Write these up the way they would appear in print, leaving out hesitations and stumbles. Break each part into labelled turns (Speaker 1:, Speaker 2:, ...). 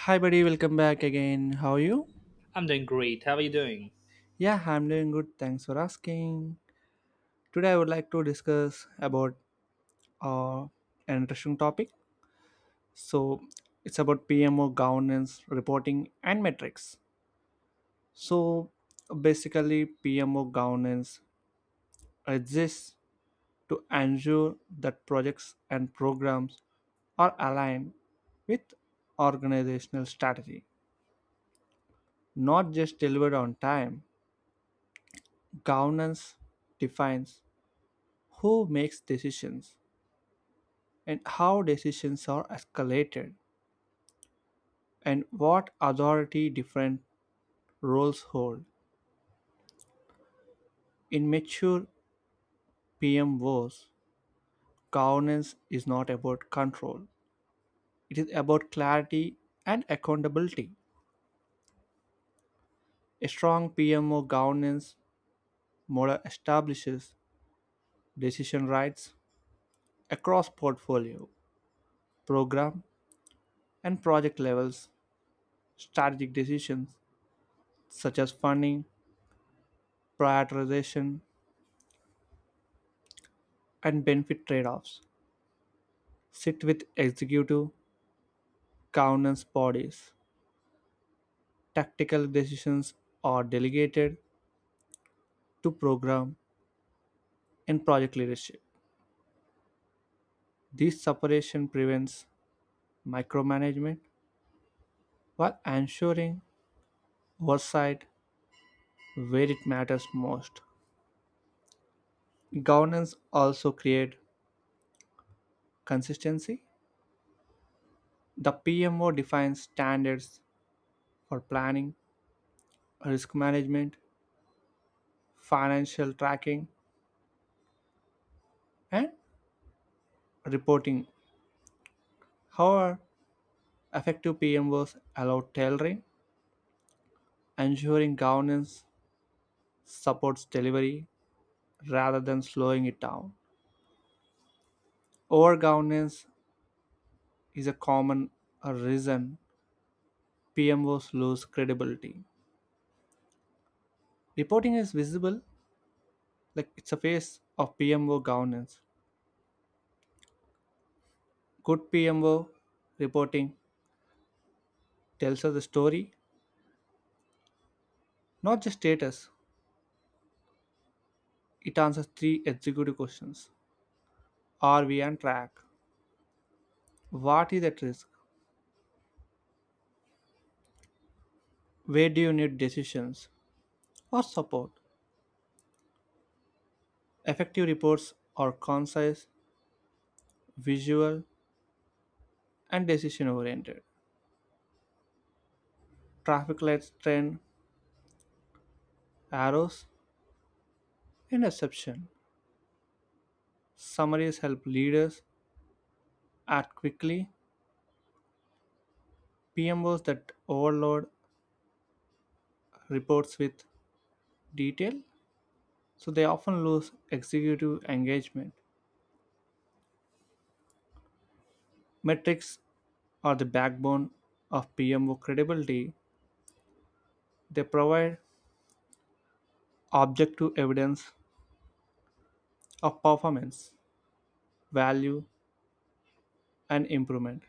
Speaker 1: Hi, buddy, welcome back again. How are you?
Speaker 2: I'm doing great. How are you doing?
Speaker 1: Yeah, I'm doing good. Thanks for asking. Today, I would like to discuss about uh, an interesting topic. So, it's about PMO governance, reporting, and metrics. So, basically, PMO governance exists to ensure that projects and programs are aligned with organizational strategy, not just delivered on time. Governance defines who makes decisions and how decisions are escalated and what authority different roles hold. In mature PMOs, governance is not about control. It is about clarity and accountability. A strong PMO governance model establishes decision rights across portfolio, program, and project levels. Strategic decisions such as funding, prioritization, and benefit trade offs sit with executive governance bodies. Tactical decisions are delegated to program and project leadership. This separation prevents micromanagement while ensuring oversight where it matters most. Governance also creates consistency. The PMO defines standards for planning, risk management, financial tracking, and reporting. However, effective PMOs allow tailoring, ensuring governance supports delivery rather than slowing it down. Over governance is a common reason PMOs lose credibility. Reporting is visible, like it's a face of PMO governance. Good PMO reporting tells us the story, not just status. It answers three executive questions: are we on track? What is at risk? Where do you need decisions or support? Effective reports are concise, visual, and decision oriented. Traffic lights, trend arrows, interception. Summaries help leaders act quickly. PMOs that overload reports with detail, so they often lose executive engagement. Metrics are the backbone of PMO credibility. They provide objective evidence of performance, value, and improvement.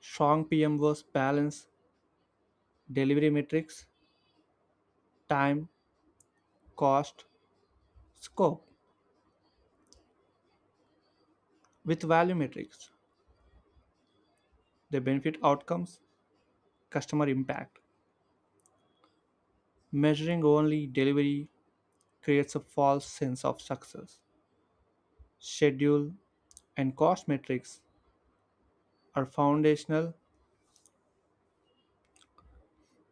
Speaker 1: Strong PMOs balance delivery metrics, time, cost, scope with value metrics, the benefit outcomes, customer impact. Measuring only delivery creates a false sense of success. Schedule and cost metrics are foundational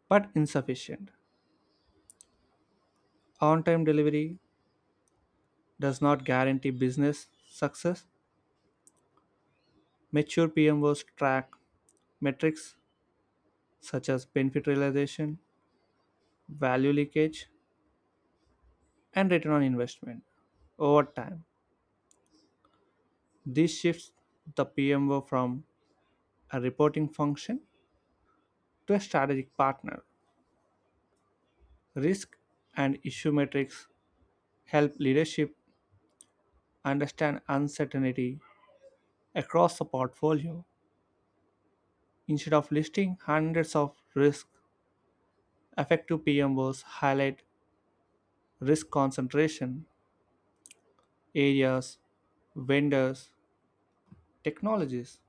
Speaker 1: but insufficient. On time delivery does not guarantee business success. Mature PMOs track metrics such as benefit realization, value leakage, and return on investment over time. This shifts the PMO from a reporting function to a strategic partner. Risk and issue metrics help leadership understand uncertainty across the portfolio. Instead of listing hundreds of risks, effective PMOs highlight risk concentration, areas, vendors, technologies,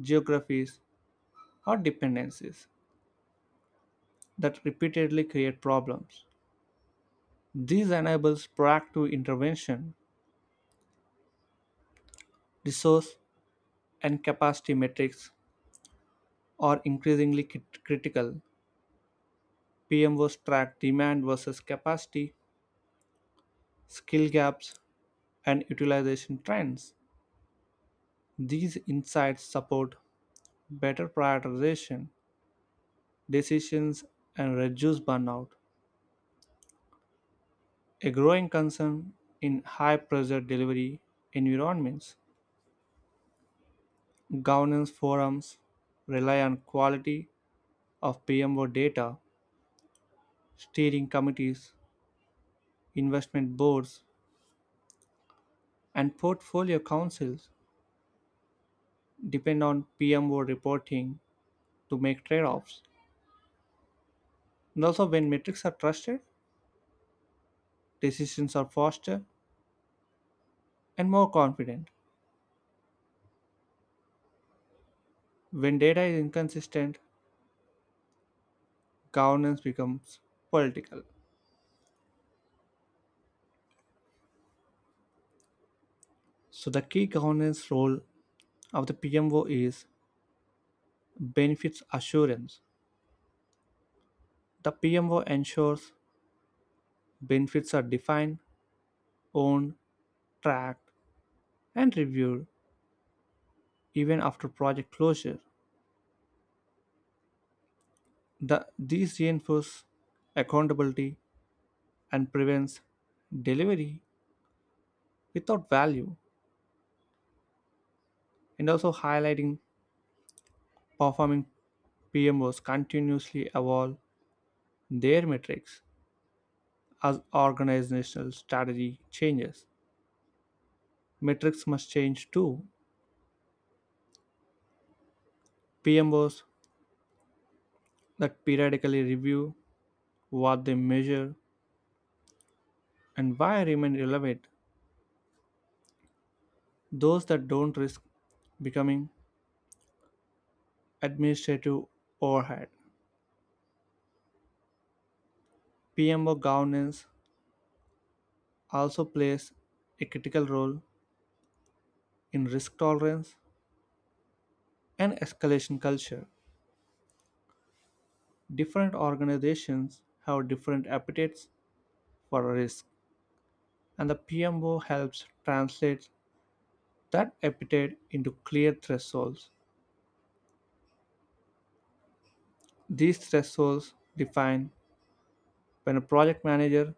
Speaker 1: geographies, or dependencies that repeatedly create problems. This enables proactive intervention. Resource and capacity metrics are increasingly critical. PMOs track demand versus capacity, skill gaps, and utilization trends. These insights support better prioritization decisions and reduce burnout, a growing concern in high pressure delivery environments. Governance forums rely on quality of PMO data. Steering committees, investment boards, and portfolio councils depend on PMO reporting to make trade offs. And also, when metrics are trusted, decisions are faster and more confident. When data is inconsistent, governance becomes political. So, the key governance role of the PMO is benefits assurance. The PMO ensures benefits are defined, owned, tracked, and reviewed even after project closure. These reinforce accountability and prevents delivery without value, and also highlighting performing PMOs continuously evolve their metrics as organizational strategy changes. Metrics must change too. PMOs that periodically review what they measure and why remain relevant. Those that don't risk becoming administrative overhead. PMO governance also plays a critical role in risk tolerance and escalation culture. Different organizations have different appetites for risk, and the PMO helps translate that appetite into clear thresholds. These thresholds define when a project manager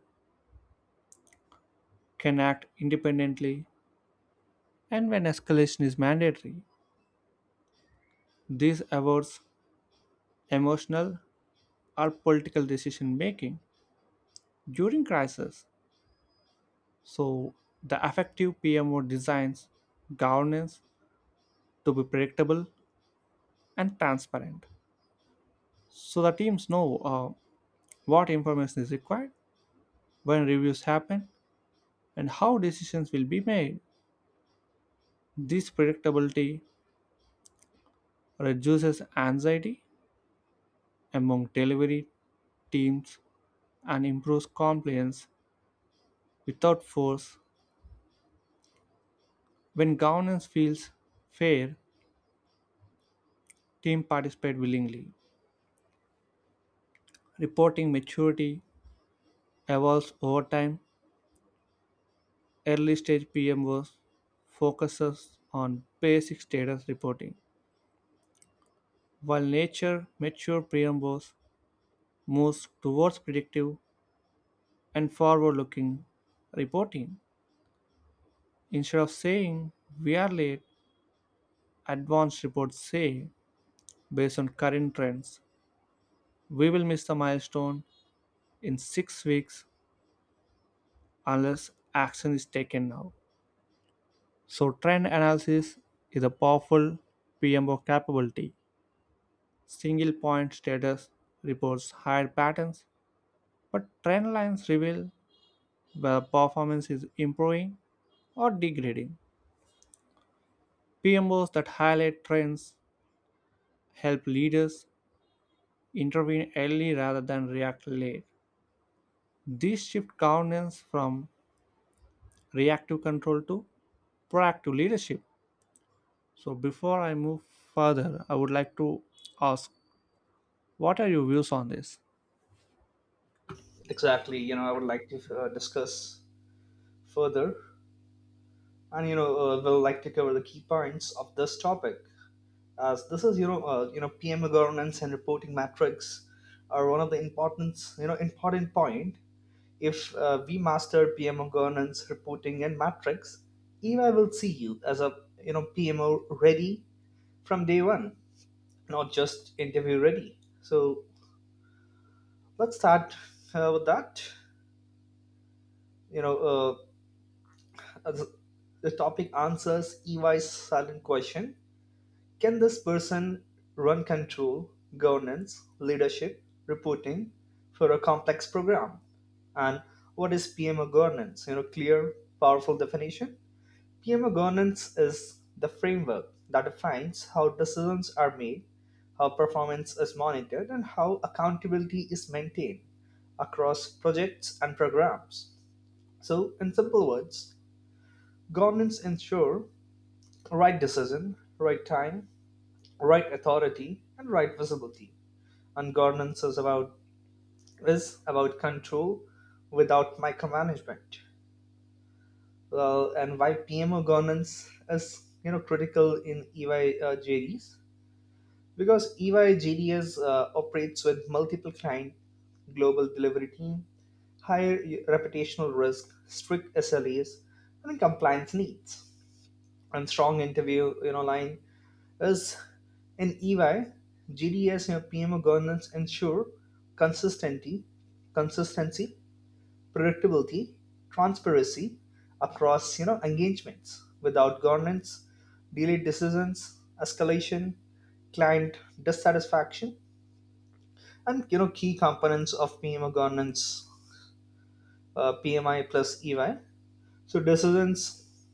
Speaker 1: can act independently and when escalation is mandatory. This avoids emotional or political decision making during crisis. So, the effective PMO designs governance to be predictable and transparent so the teams know uh, what information is required, when reviews happen, and how decisions will be made. This predictability reduces anxiety among delivery teams and improves compliance without force. When governance feels fair, teams participate willingly. Reporting maturity evolves over time. Early stage PMOs focuses on basic status reporting. Mature Priambos moves towards predictive and forward looking reporting. Instead of saying we are late, advanced reports say, based on current trends, we will miss the milestone in six weeks unless action is taken now. So, trend analysis is a powerful PMO capability. Single point status reports hide patterns, but trend lines reveal where performance is improving or degrading. PMOs that highlight trends help leaders intervene early rather than react late. This shift governance from reactive control to proactive leadership. So, before I move further, I would like to ask, what are your views on this?
Speaker 2: Exactly. I would like to discuss further, and we'll like to cover the key points of this topic, as this is PMO governance and reporting metrics are one of the importance, important point. If we master PMO governance, reporting, and metrics, EY will see you as a PMO ready from day one, not just interview ready. So let's start with that. You know. Uh, As the topic answers EY's silent question: can this person run control, governance, leadership, reporting for a complex program? And what is PMO governance? Clear, powerful definition. PMO governance is the framework that defines how decisions are made, how performance is monitored, and how accountability is maintained across projects and programs. So, in simple words, governance ensure right decision, right time, right authority, and right visibility. And governance is about control without micromanagement. Well, and why PMO governance is critical in EY EYJDs? Because EYJDs operates with multiple client, global delivery team, higher reputational risk, strict SLAs, and compliance needs. And strong interview line is, in EY, GDS, PMO governance ensure consistency, consistency, predictability, transparency across engagements. Without governance, delayed decisions, escalation, client dissatisfaction, and key components of PMO governance, PMI plus EY. So decisions,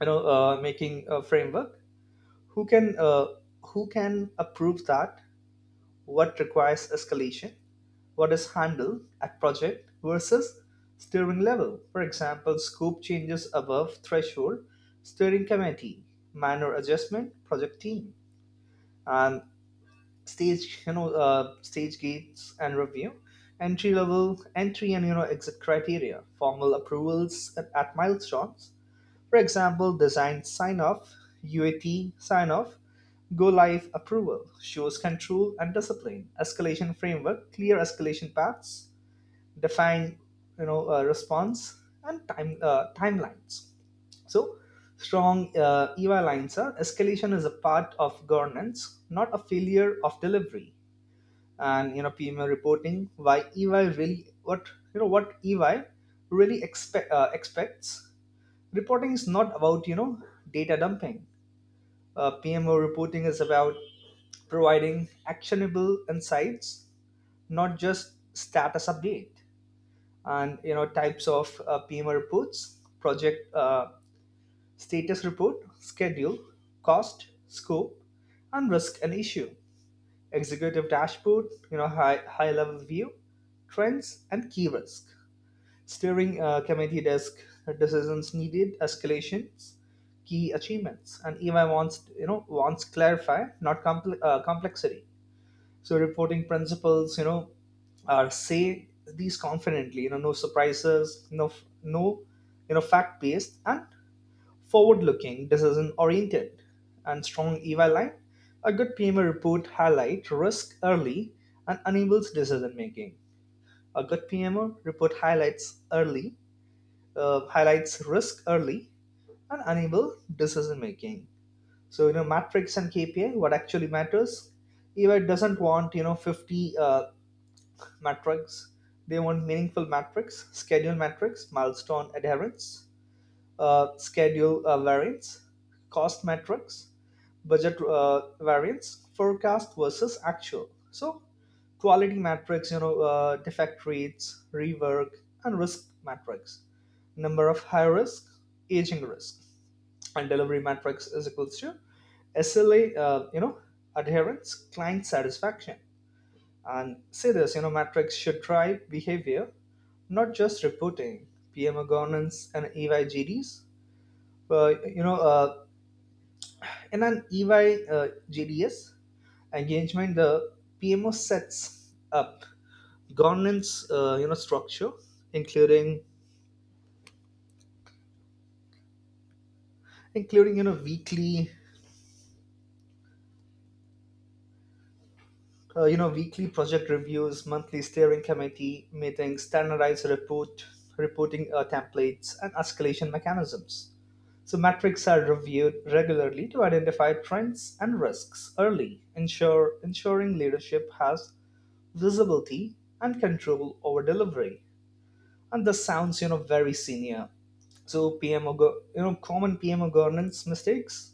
Speaker 2: making a framework: who can uh, who can approve that, what requires escalation, what is handled at project versus steering level. For example, scope changes above threshold, steering committee; minor adjustment, project team. And stage you know stage gates and review: entry level entry and exit criteria, formal approvals at milestones. For example, design sign off, UAT sign off, go live approval shows control and discipline. Escalation framework: clear escalation paths, define response and timelines. So strong EY lines are: escalation is a part of governance, not a failure of delivery. And PMO reporting, why EY really, what you know what EY really expects. Reporting is not about data dumping. PMO reporting is about providing actionable insights, not just status update. And types of PMO reports: project status report, schedule, cost, scope, and risk and issue; executive dashboard, high level view, trends and key risk; steering committee desk decisions needed, escalations, key achievements. And EY wants, clarify, not complexity. So reporting principles, are, say these confidently. No surprises, no f- no, you know, fact based and forward looking, decision oriented. And strong EY line: a good PMO report highlight risk early and enables decision making. A good PMO report highlights risk early and enable decision making. So metrics and KPI, what actually matters. EY doesn't want 50 metrics. They want meaningful metrics: schedule metrics, milestone adherence, schedule variance; cost metrics, budget variance, forecast versus actual. So quality metrics, defect rates, rework, and risk metrics: number of high risk, aging risk. And delivery metrics is equals to SLA, adherence, client satisfaction. And say this, metrics should drive behavior, not just reporting. PMO governance and EYGDs: Uh, you know, uh, in an EY GDS engagement, the PMO sets up governance structure, including including weekly weekly project reviews, monthly steering committee meetings, standardized reporting templates and escalation mechanisms. So metrics are reviewed regularly to identify trends and risks early, ensure ensuring leadership has visibility and control over delivery. And this sounds very senior. So PMO, go- you know, common PMO governance mistakes,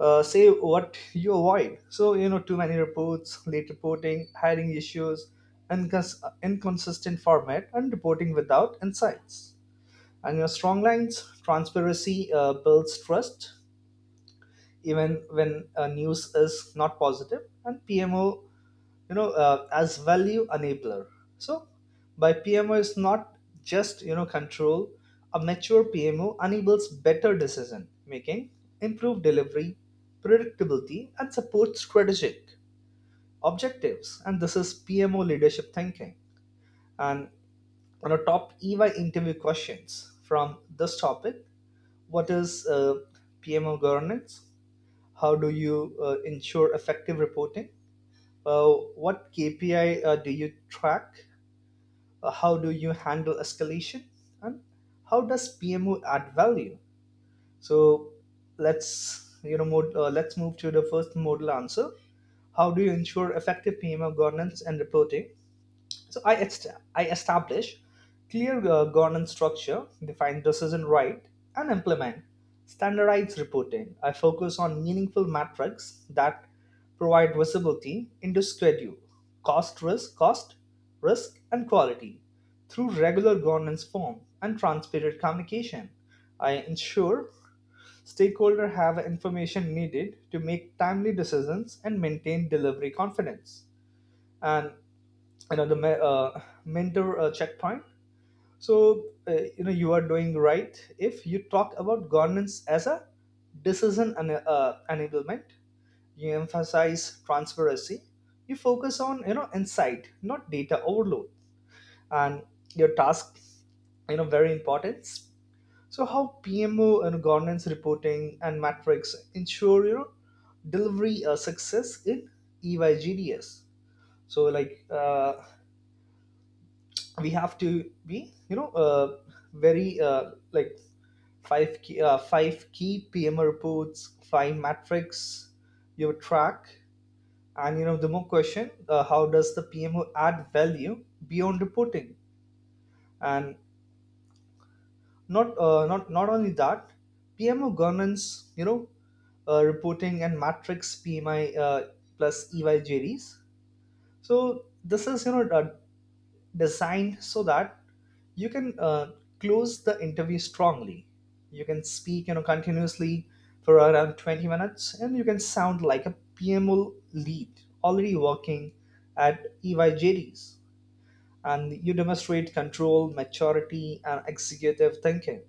Speaker 2: say what you avoid. So, too many reports, late reporting, hiring issues, inconsistent format, and reporting without insights. And your strong lines: transparency builds trust even when news is not positive. And PMO as value enabler. So by PMO is not just control. A mature PMO enables better decision making, improved delivery predictability, and supports strategic objectives. And this is PMO leadership thinking. And on a top EY interview questions from this topic: what is uh, PMO governance? How do you ensure effective reporting? uh, what KPI do you track? How do you handle escalation? And how does PMO add value? So let's let's move to the first modal answer: how do you ensure effective PMO governance and reporting? So I establish clear governance structure, define decision right, and implement standardized reporting. I focus on meaningful metrics that provide visibility into schedule, cost, risk, and quality through regular governance form and transparent communication. I ensure stakeholders have information needed to make timely decisions and maintain delivery confidence. And another mentor checkpoint. So you are doing right if you talk about governance as a decision and enablement, you emphasize transparency, you focus on insight, not data overload. And your task, very important: so how PMO and governance reporting and metrics ensure delivery success in EYGDS? So like we have to be you know very like five key pm reports, five metrics you track. And the more question: how does the PMO add value beyond reporting? And not only that, PMO governance, reporting and matrix, PMI plus EYJDs. So this is designed so that you can close the interview strongly. You can speak, continuously for around 20 minutes, and you can sound like a PMO lead already working at EYJDs. And you demonstrate control, maturity, and executive thinking.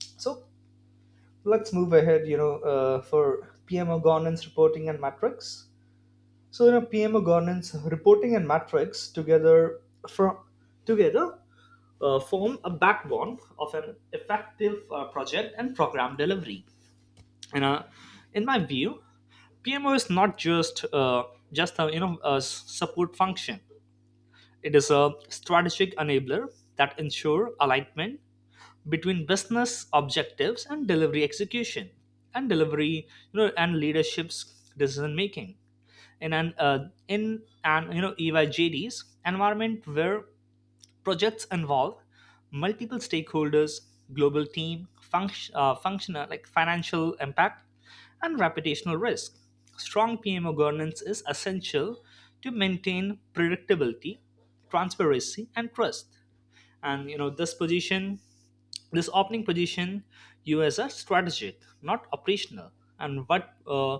Speaker 2: So let's move ahead, for PMO governance reporting and metrics. So PMO governance, reporting, and metrics together from together form a backbone of an effective project and program delivery. You know, in my view, PMO is not just a support function. It is a strategic enabler that ensure alignment between business objectives and delivery execution, and delivery you know and leadership's decision making in an EYJD's environment where projects involve multiple stakeholders, global team, functional like financial impact, and reputational risk. Strong PMO governance is essential to maintain predictability, transparency, and trust. And this position this opening position you as a strategic, not operational. And what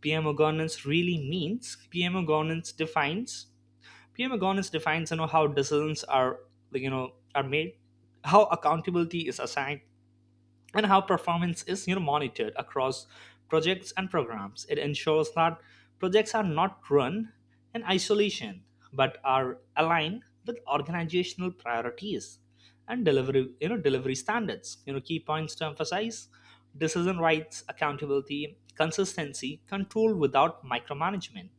Speaker 2: PMO governance really means: PMO governance defines how decisions are are made, how accountability is assigned, and how performance is monitored across projects and programs. It ensures that projects are not run in isolation but are aligned with organizational priorities and delivery standards. Key points to emphasize: decision rights, accountability, consistency, control without micromanagement.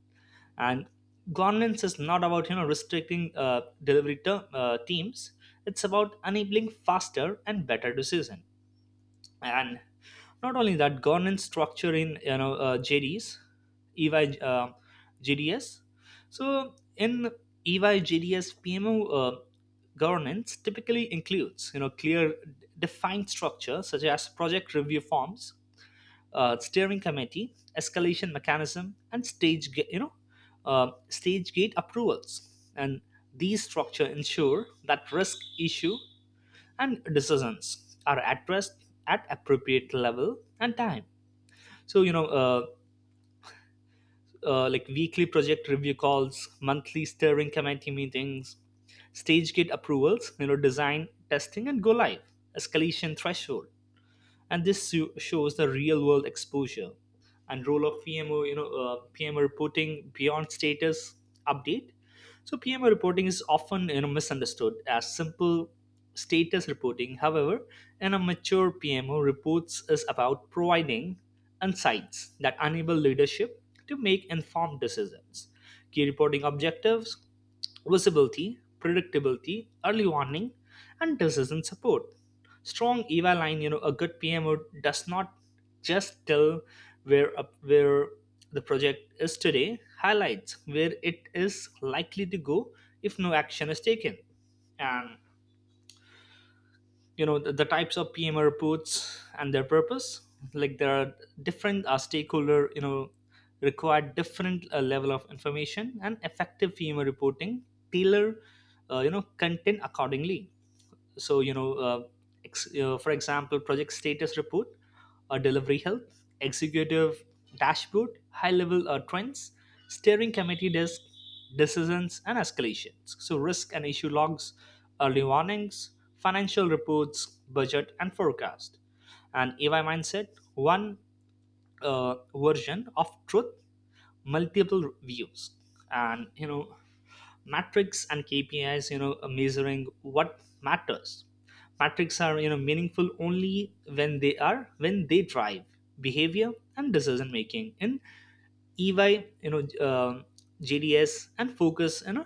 Speaker 2: And governance is not about restricting teams. It's about enabling faster and better decision. And not only that, governance structure in JDs, EY JDS. So in EY JDS PMO uh, governance typically includes clear defined structure such as project review forms, steering committee, escalation mechanism, and stage ga- you know stage gate approvals. And these structure ensure that risk issue and decisions are addressed at appropriate level and time. So like weekly project review calls, monthly steering committee meetings, stage gate approvals, design testing and go live, escalation threshold. And this shows the real world exposure and role of PMO, PMO reporting beyond status update. So PMO reporting is often misunderstood as simple status reporting. However, in a mature PMO, reports is about providing insights that enable leadership to make informed decisions: key reporting objectives, visibility, predictability, early warning, and decision support. Strong EVA line, a good PMO does not just tell where up where the project is today, highlights where it is likely to go if no action is taken. And the types of PM reports and their purpose: like there are different stakeholder, require different level of information. And effective PM reporting tailor content accordingly. So for example, project status report delivery health; executive dashboard, high level trends; steering committee desk decisions and escalations; so risk and issue logs, early warnings; financial reports, budget and forecast; and AI mindset, one version of truth, multiple views. And metrics and KPIs, measuring what matters. Metrics are meaningful only when they are when they drive behavior and decision making in EY, you know um GDS. And focus, you know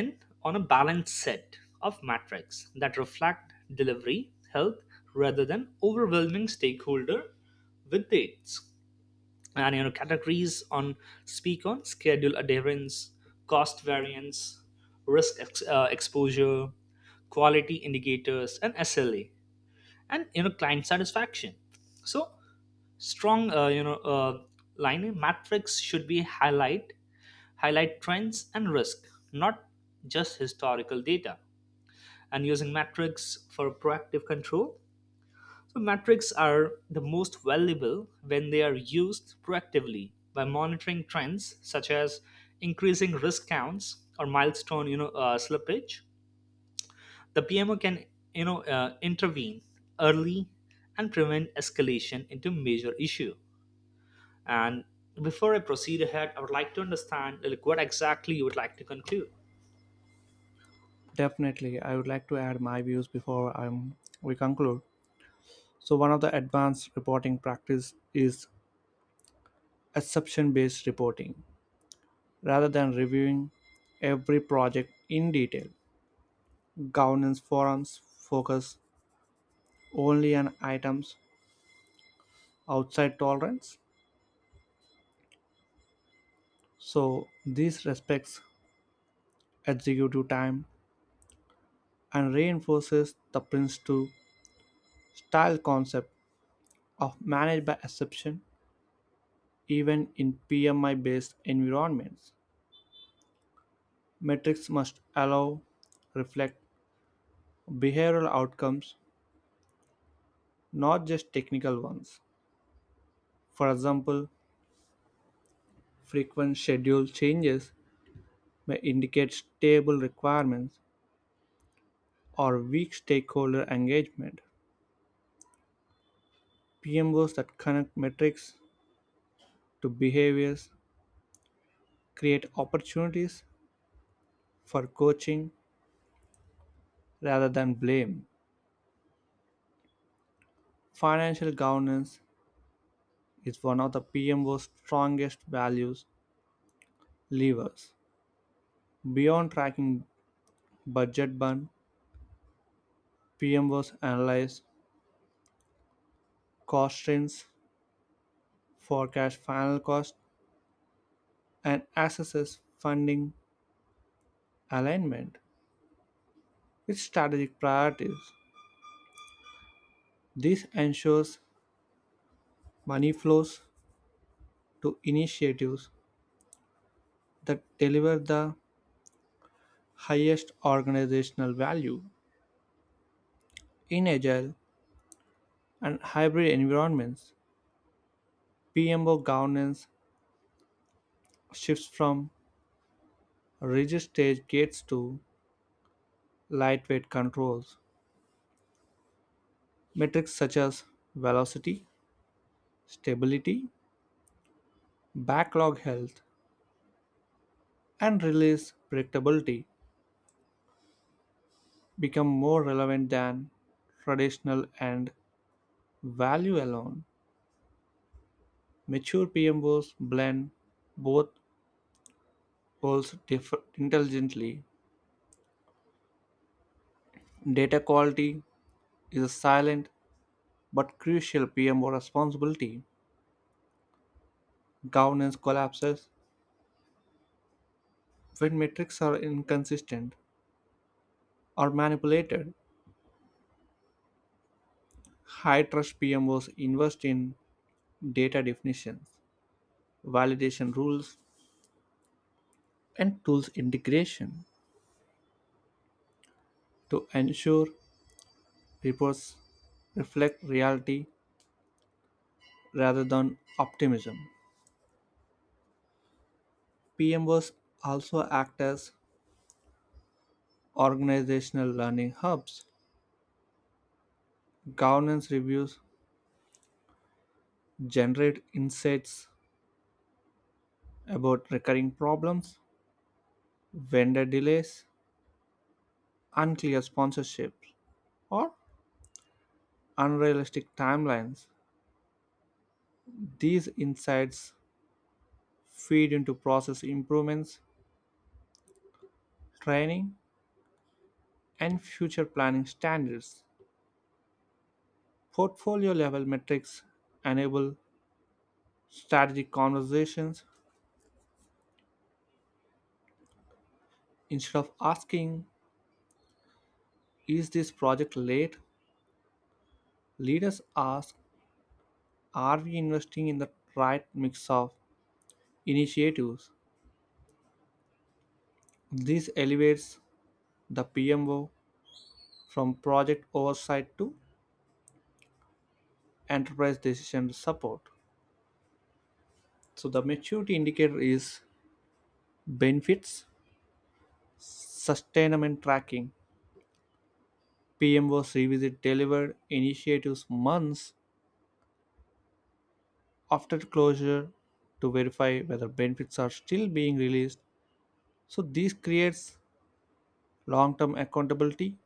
Speaker 2: in on a balanced set of metrics that reflect delivery health rather than overwhelming stakeholder with dates. And categories on speak on schedule adherence, cost variance, exposure, quality indicators and SLA, and client satisfaction. So strong line matrix should be highlight highlight trends and risk, not just historical data. And using metrics for proactive control: so metrics are the most valuable when they are used proactively by monitoring trends such as increasing risk counts or milestone, slippage. The PMO can, intervene early and prevent escalation into major issue. And before I proceed ahead, I would like to understand like what exactly you would like to conclude.
Speaker 1: Definitely, I would like to add my views before we conclude. So, one of the advanced reporting practice is exception based reporting. Rather than reviewing every project in detail, governance forums focus only on items outside tolerance, so this respects executive time and reinforces the prince to style concept of managed by exception. Even in PMI based environments, metrics must allow reflect behavioral outcomes, not just technical ones. For example, frequent schedule changes may indicate stable requirements or weak stakeholder engagement. PMOs that connect metrics to behaviors create opportunities for coaching rather than blame. Financial governance is one of the PMO's strongest values levers. Beyond tracking budget burn, PMOs analyze cost trends, forecast final cost, and assess funding alignment with strategic priorities. This ensures money flows to initiatives that deliver the highest organizational value. In agile and hybrid environments, PMO governance shifts from rigid stage gates to lightweight controls. Metrics such as velocity, stability, backlog health, and release predictability become more relevant than traditional and value alone. Mature PMOs blend both intelligently. Data quality is a silent but crucial PMO responsibility. Governance collapses when metrics are inconsistent or manipulated. High trust PMOs invest in data definitions, validation rules, and tools integration to ensure reports reflect reality rather than optimism. PMOs also act as organizational learning hubs. Governance reviews generate insights about recurring problems, vendor delays, unclear sponsorships, or unrealistic timelines. These insights feed into process improvements, training, and future planning standards. Portfolio level metrics enable strategic conversations. Instead of asking, is this project late? Leaders ask, are we investing in the right mix of initiatives. This elevates the PMO from project oversight to enterprise decision support. So the maturity indicator is benefits, sustainment tracking. PMOs revisit delivered initiatives months after closure to verify whether benefits are still being released. So this creates long-term accountability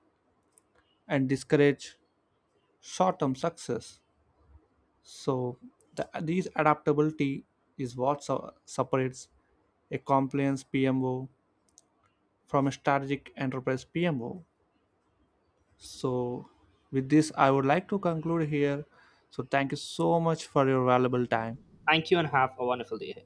Speaker 1: and discourage short-term success. So these adaptability is what separates a compliance PMO from a strategic enterprise PMO. So with this, I would like to conclude here. So thank you so much for your valuable time.
Speaker 2: Thank you and have a wonderful day.